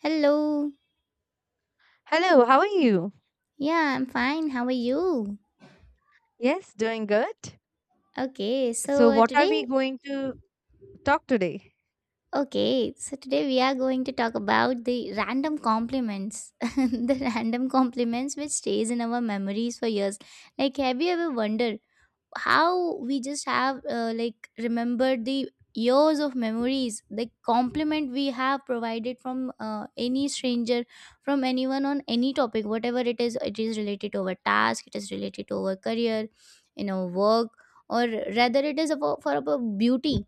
Hello. Hello, how are you? Yeah, I'm fine. How are you? Yes, doing good. Okay, so So, uh, what are today, we going to talk today? okay, so today we are going to talk about the random compliments. The random compliments which stays in our memories for years. Like, have you ever wondered how we just have like remembered the years of memories the compliment we have provided from any stranger, from anyone on any topic, whatever it is, it is related to our task, it is related to our career, you know, work, or rather it is about, for our beauty,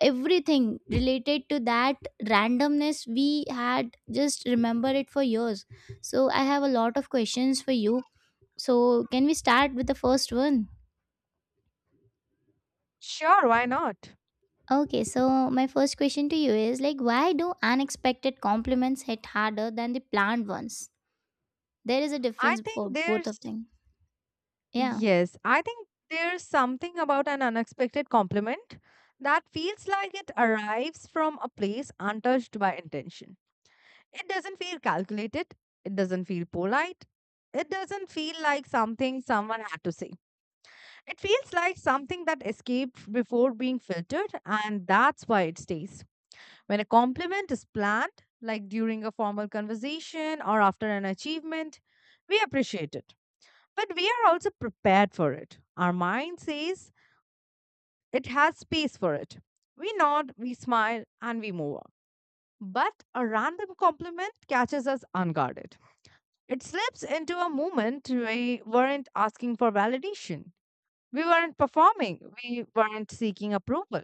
everything related to that randomness we had just remember it for years. So I have a lot of questions for you. So can we start with the first one? Sure, why not? Okay, so my first question to you is like, why do unexpected compliments hit harder than the planned ones? There is a I difference for think both of there's, them. Yeah. yes, I think there's something about an unexpected compliment that feels like it arrives from a place untouched by intention. It doesn't feel calculated, it doesn't feel polite, it doesn't feel like something someone had to say. It feels like something that escaped before being filtered, and that's why it stays. When a compliment is planned, like during a formal conversation or after an achievement, we appreciate it. But we are also prepared for it. Our mind says it has space for it. We nod, we smile, and we move on. But a random compliment catches us unguarded. It slips into a moment we weren't asking for validation. We weren't performing. We weren't seeking approval.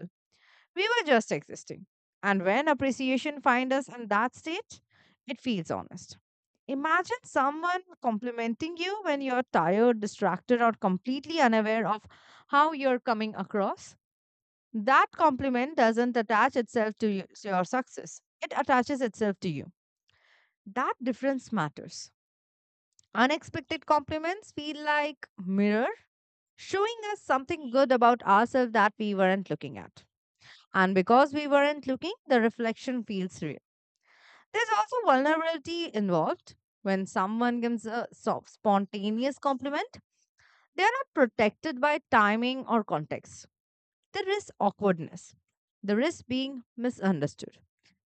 We were just existing. And when appreciation finds us in that state, it feels honest. Imagine someone complimenting you when you're tired, distracted, or completely unaware of how you're coming across. That compliment doesn't attach itself to you, to your success, it attaches itself to you. That difference matters. Unexpected compliments feel like mirror showing us something good about ourselves that we weren't looking at. And because we weren't looking, the reflection feels real. There's also vulnerability involved. When someone gives a spontaneous compliment, they are not protected by timing or context. There is awkwardness, the risk being misunderstood.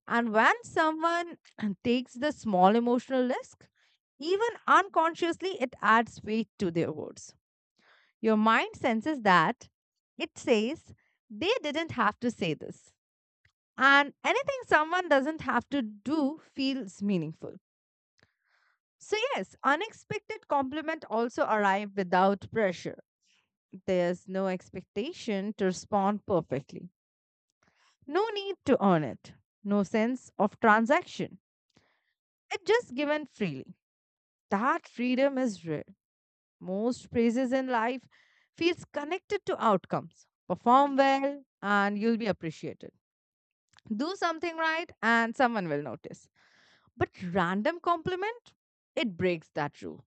And when someone takes the small emotional risk, even unconsciously, it adds weight to their words. Your mind senses that, it says they didn't have to say this. And anything someone doesn't have to do feels meaningful. So, yes, unexpected compliment also arrive without pressure. There's no expectation to respond perfectly. No need to earn it. No sense of transaction. It just given freely. That freedom is rare. Most praises in life feels connected to outcomes. Perform well and you'll be appreciated. Do something right and someone will notice. But random compliment, it breaks that rule.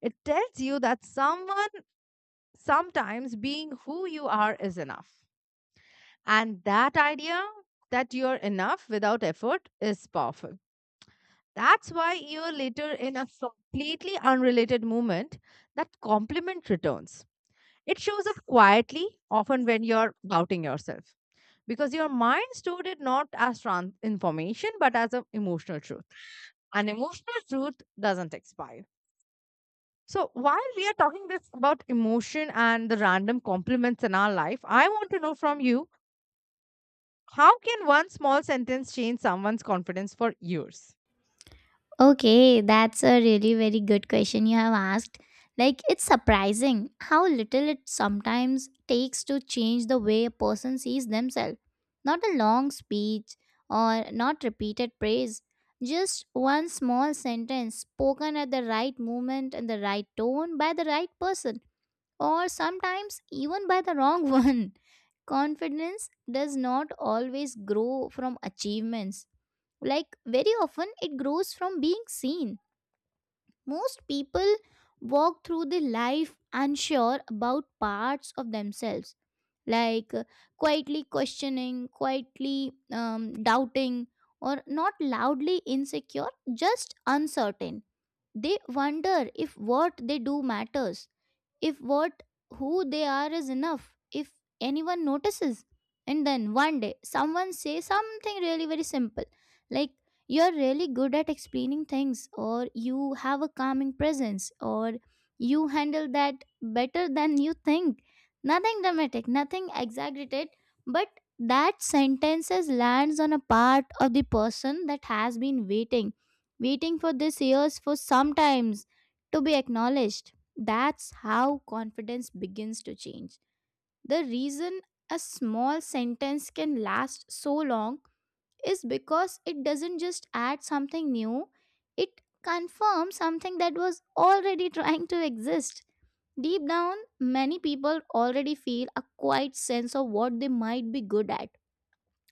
It tells you that someone, sometimes being who you are is enough. And that idea, that you're enough without effort is powerful. That's why a year later, in a completely unrelated moment, that compliment returns. It shows up quietly, often when you're doubting yourself, because your mind stored it not as information but as an emotional truth. And emotional truth doesn't expire. So while we are talking this about emotion and the random compliments in our life, I want to know from you, how can one small sentence change someone's confidence for years? Okay, that's a really very good question you have asked. Like, it's surprising how little it sometimes takes to change the way a person sees themselves. Not a long speech or not repeated praise. Just one small sentence spoken at the right moment and the right tone by the right person, or sometimes even by the wrong one. Confidence does not always grow from achievements. Like, very often, it grows from being seen. Most people walk through the life unsure about parts of themselves, like quietly questioning, quietly doubting, or not loudly insecure, just uncertain. They wonder if what they do matters, if what who they are is enough, if anyone notices. And then one day someone says something really very simple, like, you're really good at explaining things, or you have a calming presence, or you handle that better than you think. Nothing dramatic, nothing exaggerated, but that sentences lands on a part of the person that has been waiting, waiting for this years for sometimes, to be acknowledged. That's how confidence begins to change. The reason a small sentence can last so long is because it doesn't just add something new, it confirms something that was already trying to exist. Deep down, many people already feel a quiet sense of what they might be good at,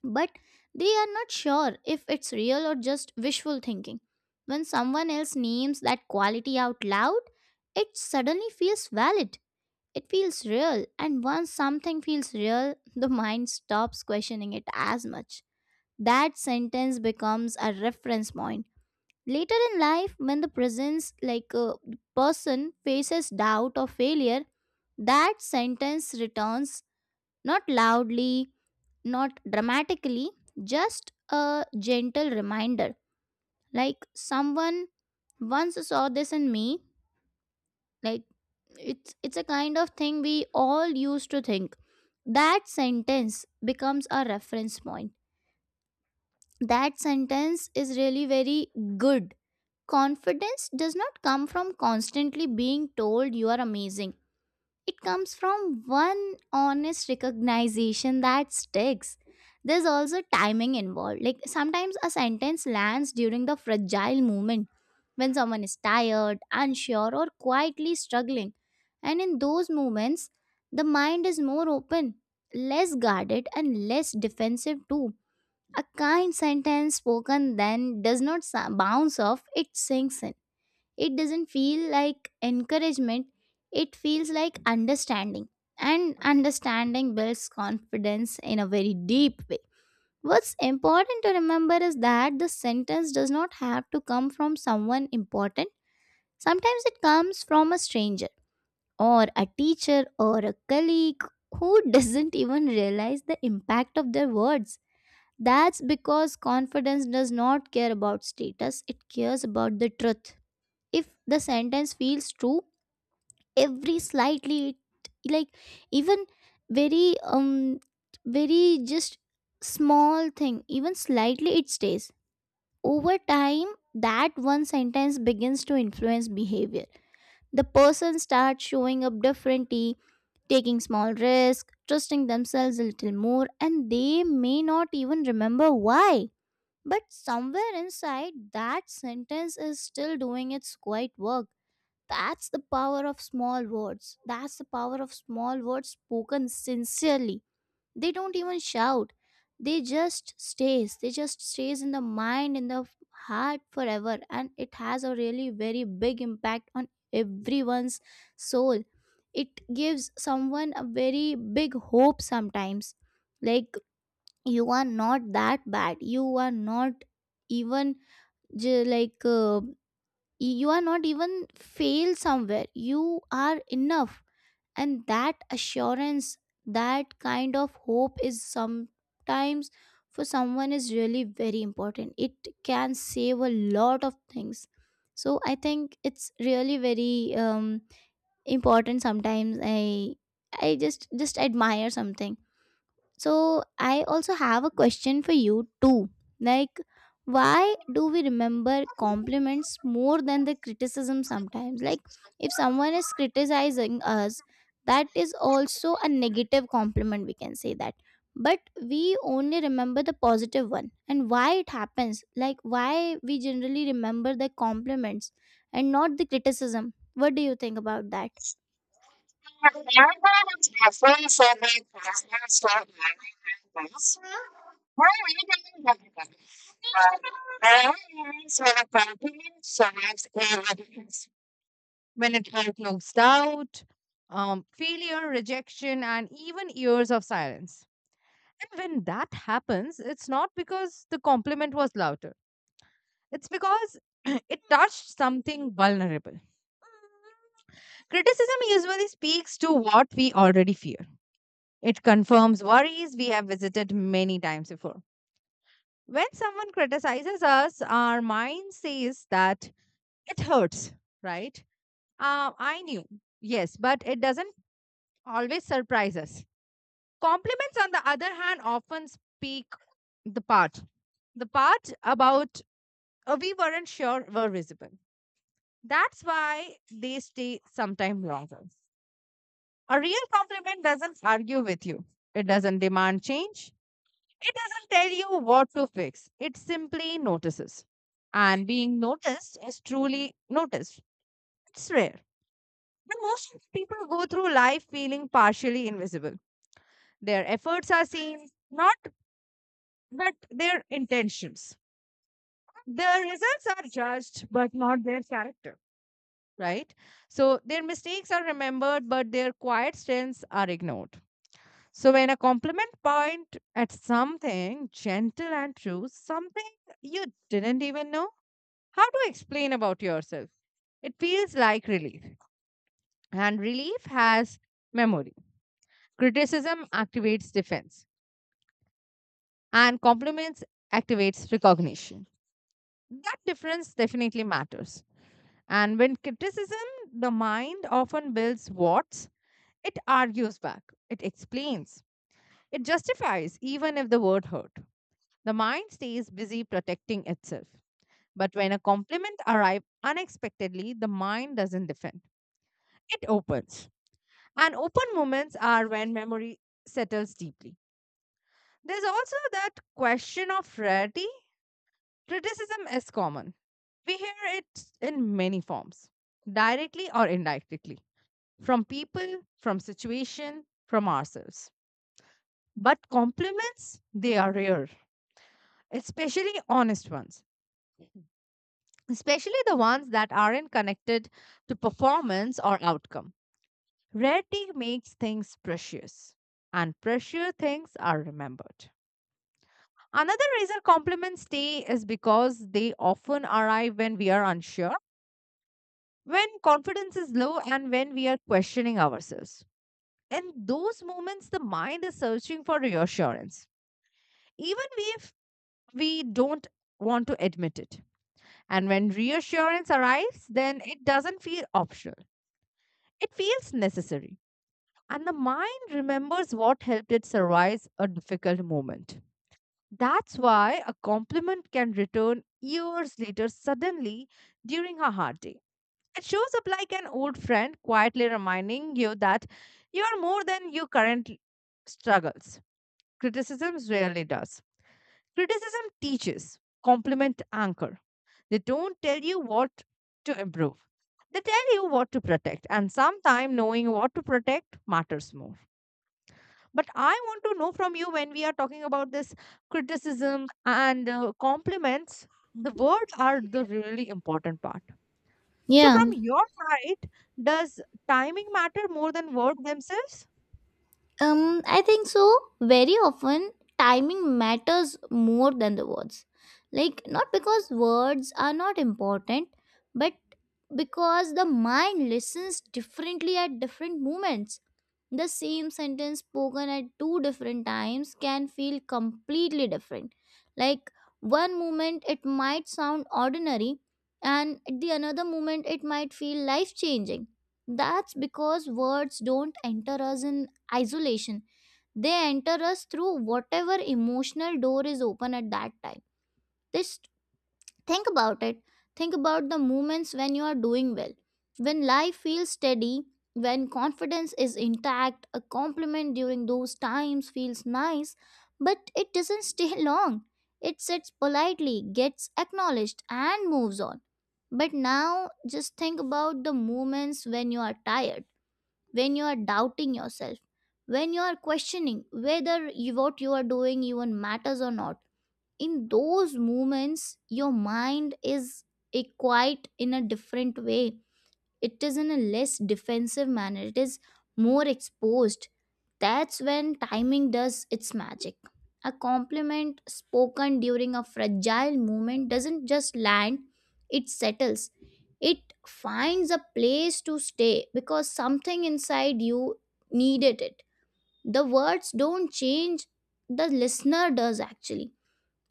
but they are not sure if it's real or just wishful thinking. When someone else names that quality out loud, it suddenly feels valid, it feels real, and once something feels real, the mind stops questioning it as much. That sentence becomes a reference point. Later in life, when the presence, like a person, faces doubt or failure, that sentence returns, not loudly, not dramatically, just a gentle reminder. Like, someone once saw this in me. Like, it's a kind of thing we all used to think. That sentence becomes a reference point. That sentence is really very good. Confidence does not come from constantly being told you are amazing. It comes from one honest recognition that sticks. There's also timing involved, like, sometimes a sentence lands during the fragile moment when someone is tired, unsure, or quietly struggling. And in those moments, the mind is more open, less guarded, and less defensive too. A kind sentence spoken then does not bounce off, it sinks in. It doesn't feel like encouragement, it feels like understanding. And understanding builds confidence in a very deep way. What's important to remember is that the sentence does not have to come from someone important. Sometimes it comes from a stranger or a teacher or a colleague who doesn't even realize the impact of their words. That's because confidence does not care about status, it cares about the truth. If the sentence feels true, every slightly, like, even very, very just small thing, even slightly, it stays. Over time, that one sentence begins to influence behavior. The person starts showing up differently, taking small risks, trusting themselves a little more, and they may not even remember why. But somewhere inside, that sentence is still doing its quiet work. That's the power of small words. That's the power of small words spoken sincerely. They don't even shout, they just stays, they just stays in the mind, in the heart forever, and it has a really very big impact on everyone's soul. It gives someone a very big hope sometimes, like, you are not that bad, you are not even like you are not even fail somewhere, you are enough. And that assurance, that kind of hope is sometimes for someone is really very important. It can save a lot of things. So I think it's really very important. Sometimes I just admire something. So I also have a question for you too. Like, why do we remember compliments more than the criticism sometimes? Like, if someone is criticizing us, that is also a negative compliment, we can say that. But we only remember the positive one, and why it happens. Like, why we generally remember the compliments and not the criticism. What do you think about that? Everyone is different from their partners for my personal statement. When it includes doubt, failure, rejection, and even years of silence. And when that happens, it's not because the compliment was louder, it's because it touched something vulnerable. Criticism usually speaks to what we already fear. It confirms worries we have visited many times before. When someone criticizes us, our mind says that it hurts, right? I knew, yes, but it doesn't always surprise us. Compliments, on the other hand, often speak the part, the part about we weren't sure were visible. That's why they stay sometime longer. A real compliment doesn't argue with you. It doesn't demand change. It doesn't tell you what to fix, it simply notices. And being noticed, is truly noticed. It's rare. But most people go through life feeling partially invisible. Their efforts are seen, not but their intentions. Their results are judged, but not their character, right? So their mistakes are remembered, but their quiet strengths are ignored. So when a compliment point at something gentle and true, something you didn't even know how to explain about yourself. It feels like relief, and relief has memory. Criticism activates defense, and compliments activates recognition. That difference definitely matters. And when criticism, the mind often builds what's, it argues back, it explains, it justifies, even if the word hurt. The mind stays busy protecting itself. But when a compliment arrives unexpectedly, the mind doesn't defend. It opens. And open moments are when memory settles deeply. There's also that question of rarity. Criticism is common. We hear it in many forms, directly or indirectly, from people, from situation, from ourselves. But compliments, they are rare, especially honest ones, especially the ones that aren't connected to performance or outcome. Rarity makes things precious, and precious things are remembered. Another reason compliments stay is because they often arrive when we are unsure, when confidence is low, and when we are questioning ourselves. In those moments, the mind is searching for reassurance, even if we don't want to admit it. And when reassurance arrives, then it doesn't feel optional, it feels necessary. And the mind remembers what helped it survive a difficult moment. That's why a compliment can return years later suddenly during a hard day. It shows up like an old friend quietly reminding you that you are more than your current struggles. Criticism rarely does. Criticism teaches, compliment anchor. They don't tell you what to improve, they tell you what to protect, and sometimes knowing what to protect matters more. But I want to know from you, when we are talking about this criticism and compliments, the words are the really important part. So Yeah. from your side, does timing matter more than words themselves? I think so. Very often, timing matters more than the words. Like, not because words are not important, but because the mind listens differently at different moments. The same sentence spoken at two different times can feel completely different. Like, one moment it might sound ordinary, and at the another moment it might feel life changing. That's because words don't enter us in isolation. They enter us through whatever emotional door is open at that time. Just think about it. Think about the moments when you are doing well, when life feels steady, when confidence is intact. A compliment during those times feels nice, but it doesn't stay long. It sits politely, gets acknowledged, and moves on. But now just think about the moments when you are tired, when you are doubting yourself, when you are questioning whether what you are doing even matters or not. In those moments, your mind is a quite in a different way. It is in a less defensive manner. It is more exposed. That's when timing does its magic. A compliment spoken during a fragile moment doesn't just land, it settles. It finds a place to stay because something inside you needed it. The words don't change, the listener does actually.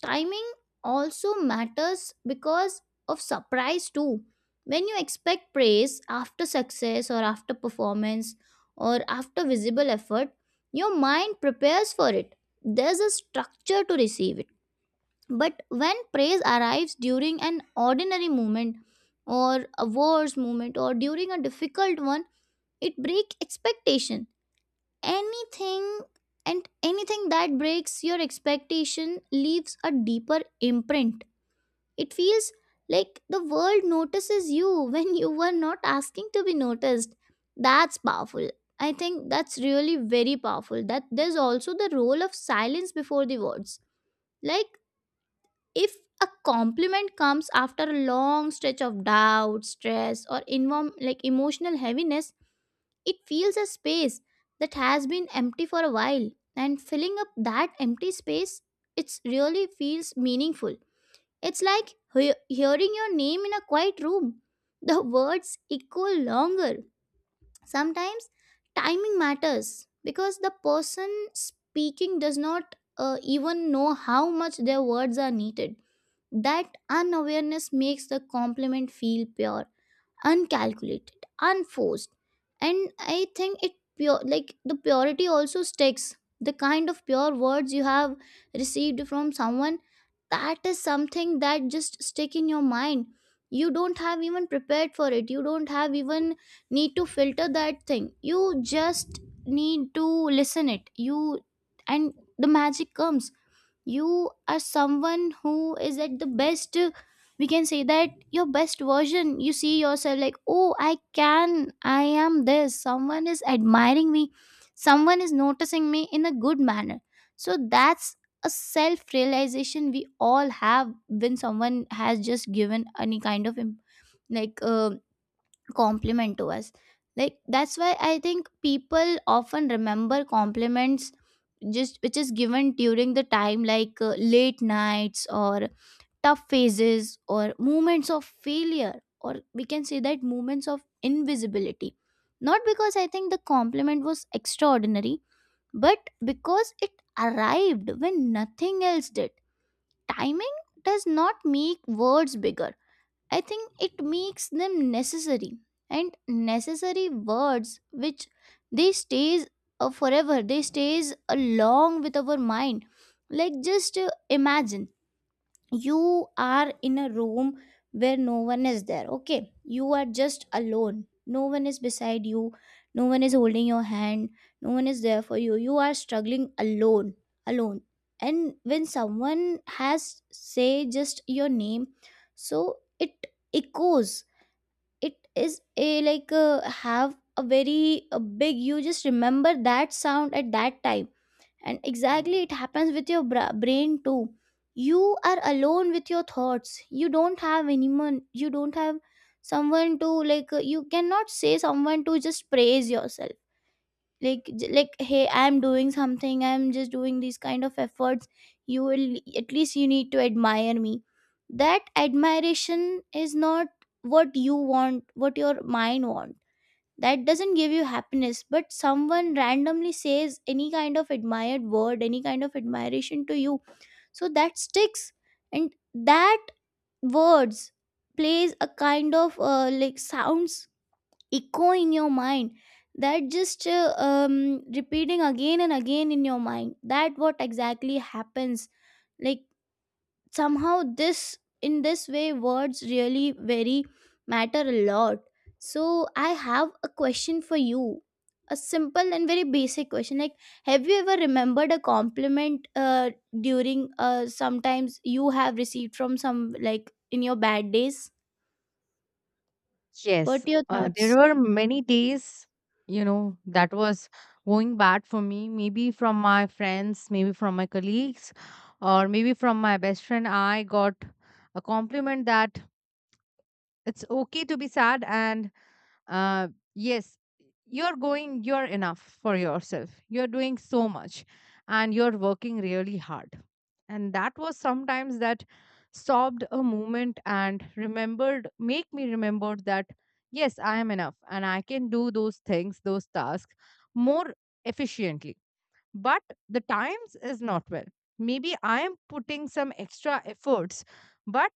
Timing also matters because of surprise too. When you expect praise after success, or after performance, or after visible effort, your mind prepares for it. There's a structure to receive it. But when praise arrives during an ordinary moment, or a worse moment, or during a difficult one, it breaks expectation. anything Anything that breaks your expectation leaves a deeper imprint. It feels like the world notices you when you were not asking to be noticed. That's powerful. I think that's really very powerful. That there's also the role of silence before the words. Like, if a compliment comes after a long stretch of doubt, stress, or like emotional heaviness, it feels a space that has been empty for a while. And filling up that empty space, it really feels meaningful. It's like hearing your name in a quiet room. The words echo longer. Sometimes timing matters because the person speaking does not even know how much their words are needed. That unawareness makes the compliment feel pure, uncalculated, unforced. And I think it pure, like the purity also sticks. The kind of pure words you have received from someone, that is something that just stick in your mind. You don't have even prepared for it, you don't have even need to filter that thing. You just need to listen it. You, and the magic comes, you are someone who is at the best, we can say that your best version. You see yourself like, oh, I am this, someone is admiring me, someone is noticing me in a good manner. So that's a self realization we all have when someone has just given any kind of like compliment to us. Like, that's why I think people often remember compliments just which is given during the time, like late nights, or tough phases, or moments of failure, or we can say that moments of invisibility. Not because I think the compliment was extraordinary, but because it arrived when nothing else did. Timing does not make words bigger, I think it makes them necessary. And necessary words, which, they stays forever, they stays along with our mind. Like, just imagine you are in a room where no one is there. Okay, you are just alone, no one is beside you, no one is holding your hand, no one is there for you, you are struggling alone, alone. And when someone has say just your name, so it echoes. It is a like, have a very a big, you just remember that sound at that time. And exactly it happens with your brain too. You are alone with your thoughts, you don't have anyone, you don't have someone to, like, you cannot say someone to just praise yourself. Like, like, hey, I'm doing something, I'm just doing these kind of efforts, you will, at least you need to admire me. That admiration is not what you want, what your mind wants, that doesn't give you happiness. But someone randomly says any kind of admired word, any kind of admiration to you, so that sticks. And that words plays a kind of like sounds, echo in your mind, that just repeating again and again in your mind, that what exactly happens. Like, somehow this in this way words really very matter a lot. So I have a question for you, a simple and very basic question, like, have you ever remembered a compliment during sometimes you have received from some, like, in your bad days? What Yes, are your there thoughts? were many days, you know, that was going bad for me, maybe from my friends, maybe from my colleagues, or maybe from my best friend. I got a compliment that it's okay to be sad and uh, yes, you're going, you're enough for yourself, you're doing so much and you're working really hard. And that was sometimes that stopped a moment and remembered, make me remember that yes, I am enough and I can do those things, those tasks more efficiently. But the times is not well, maybe I am putting some extra efforts, but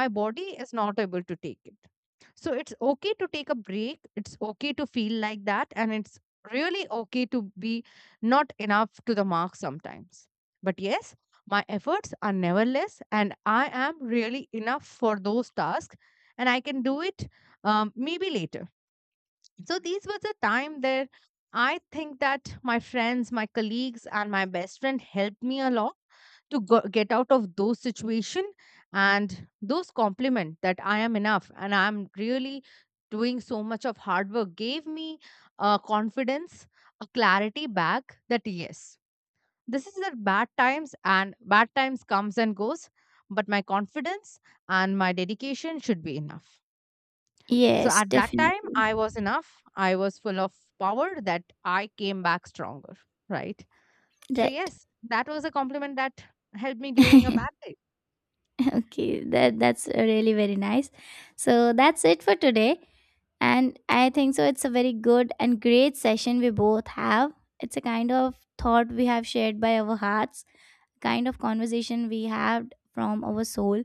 my body is not able to take it. So it's okay to take a break. It's okay to feel like that. And it's really okay to be not enough to the mark sometimes. But yes, my efforts are never less. And I am really enough for those tasks. And I can do it maybe later. So these was a time there, I think that my friends, my colleagues, and my best friend helped me a lot to go, get out of those situation, and those compliment that I am enough and I'm really doing so much of hard work gave me a confidence, a clarity back that yes, this is the bad times and bad times comes and goes, but my confidence and my dedication should be enough. So Yes, at that definitely. time, I was enough. I was full of power that I came back stronger, right? So, Right. yes, that was a compliment that helped me during a bad day. Okay, that's really very nice. So that's it for today. And I think so it's a very good and great session we both have. It's a kind of thought we have shared by our hearts, kind of conversation we have from our soul.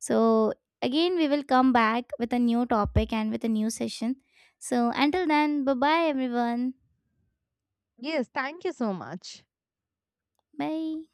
So again we will come back with a new topic and with a new session. So until then, bye bye everyone. Yes, thank you so much. Bye.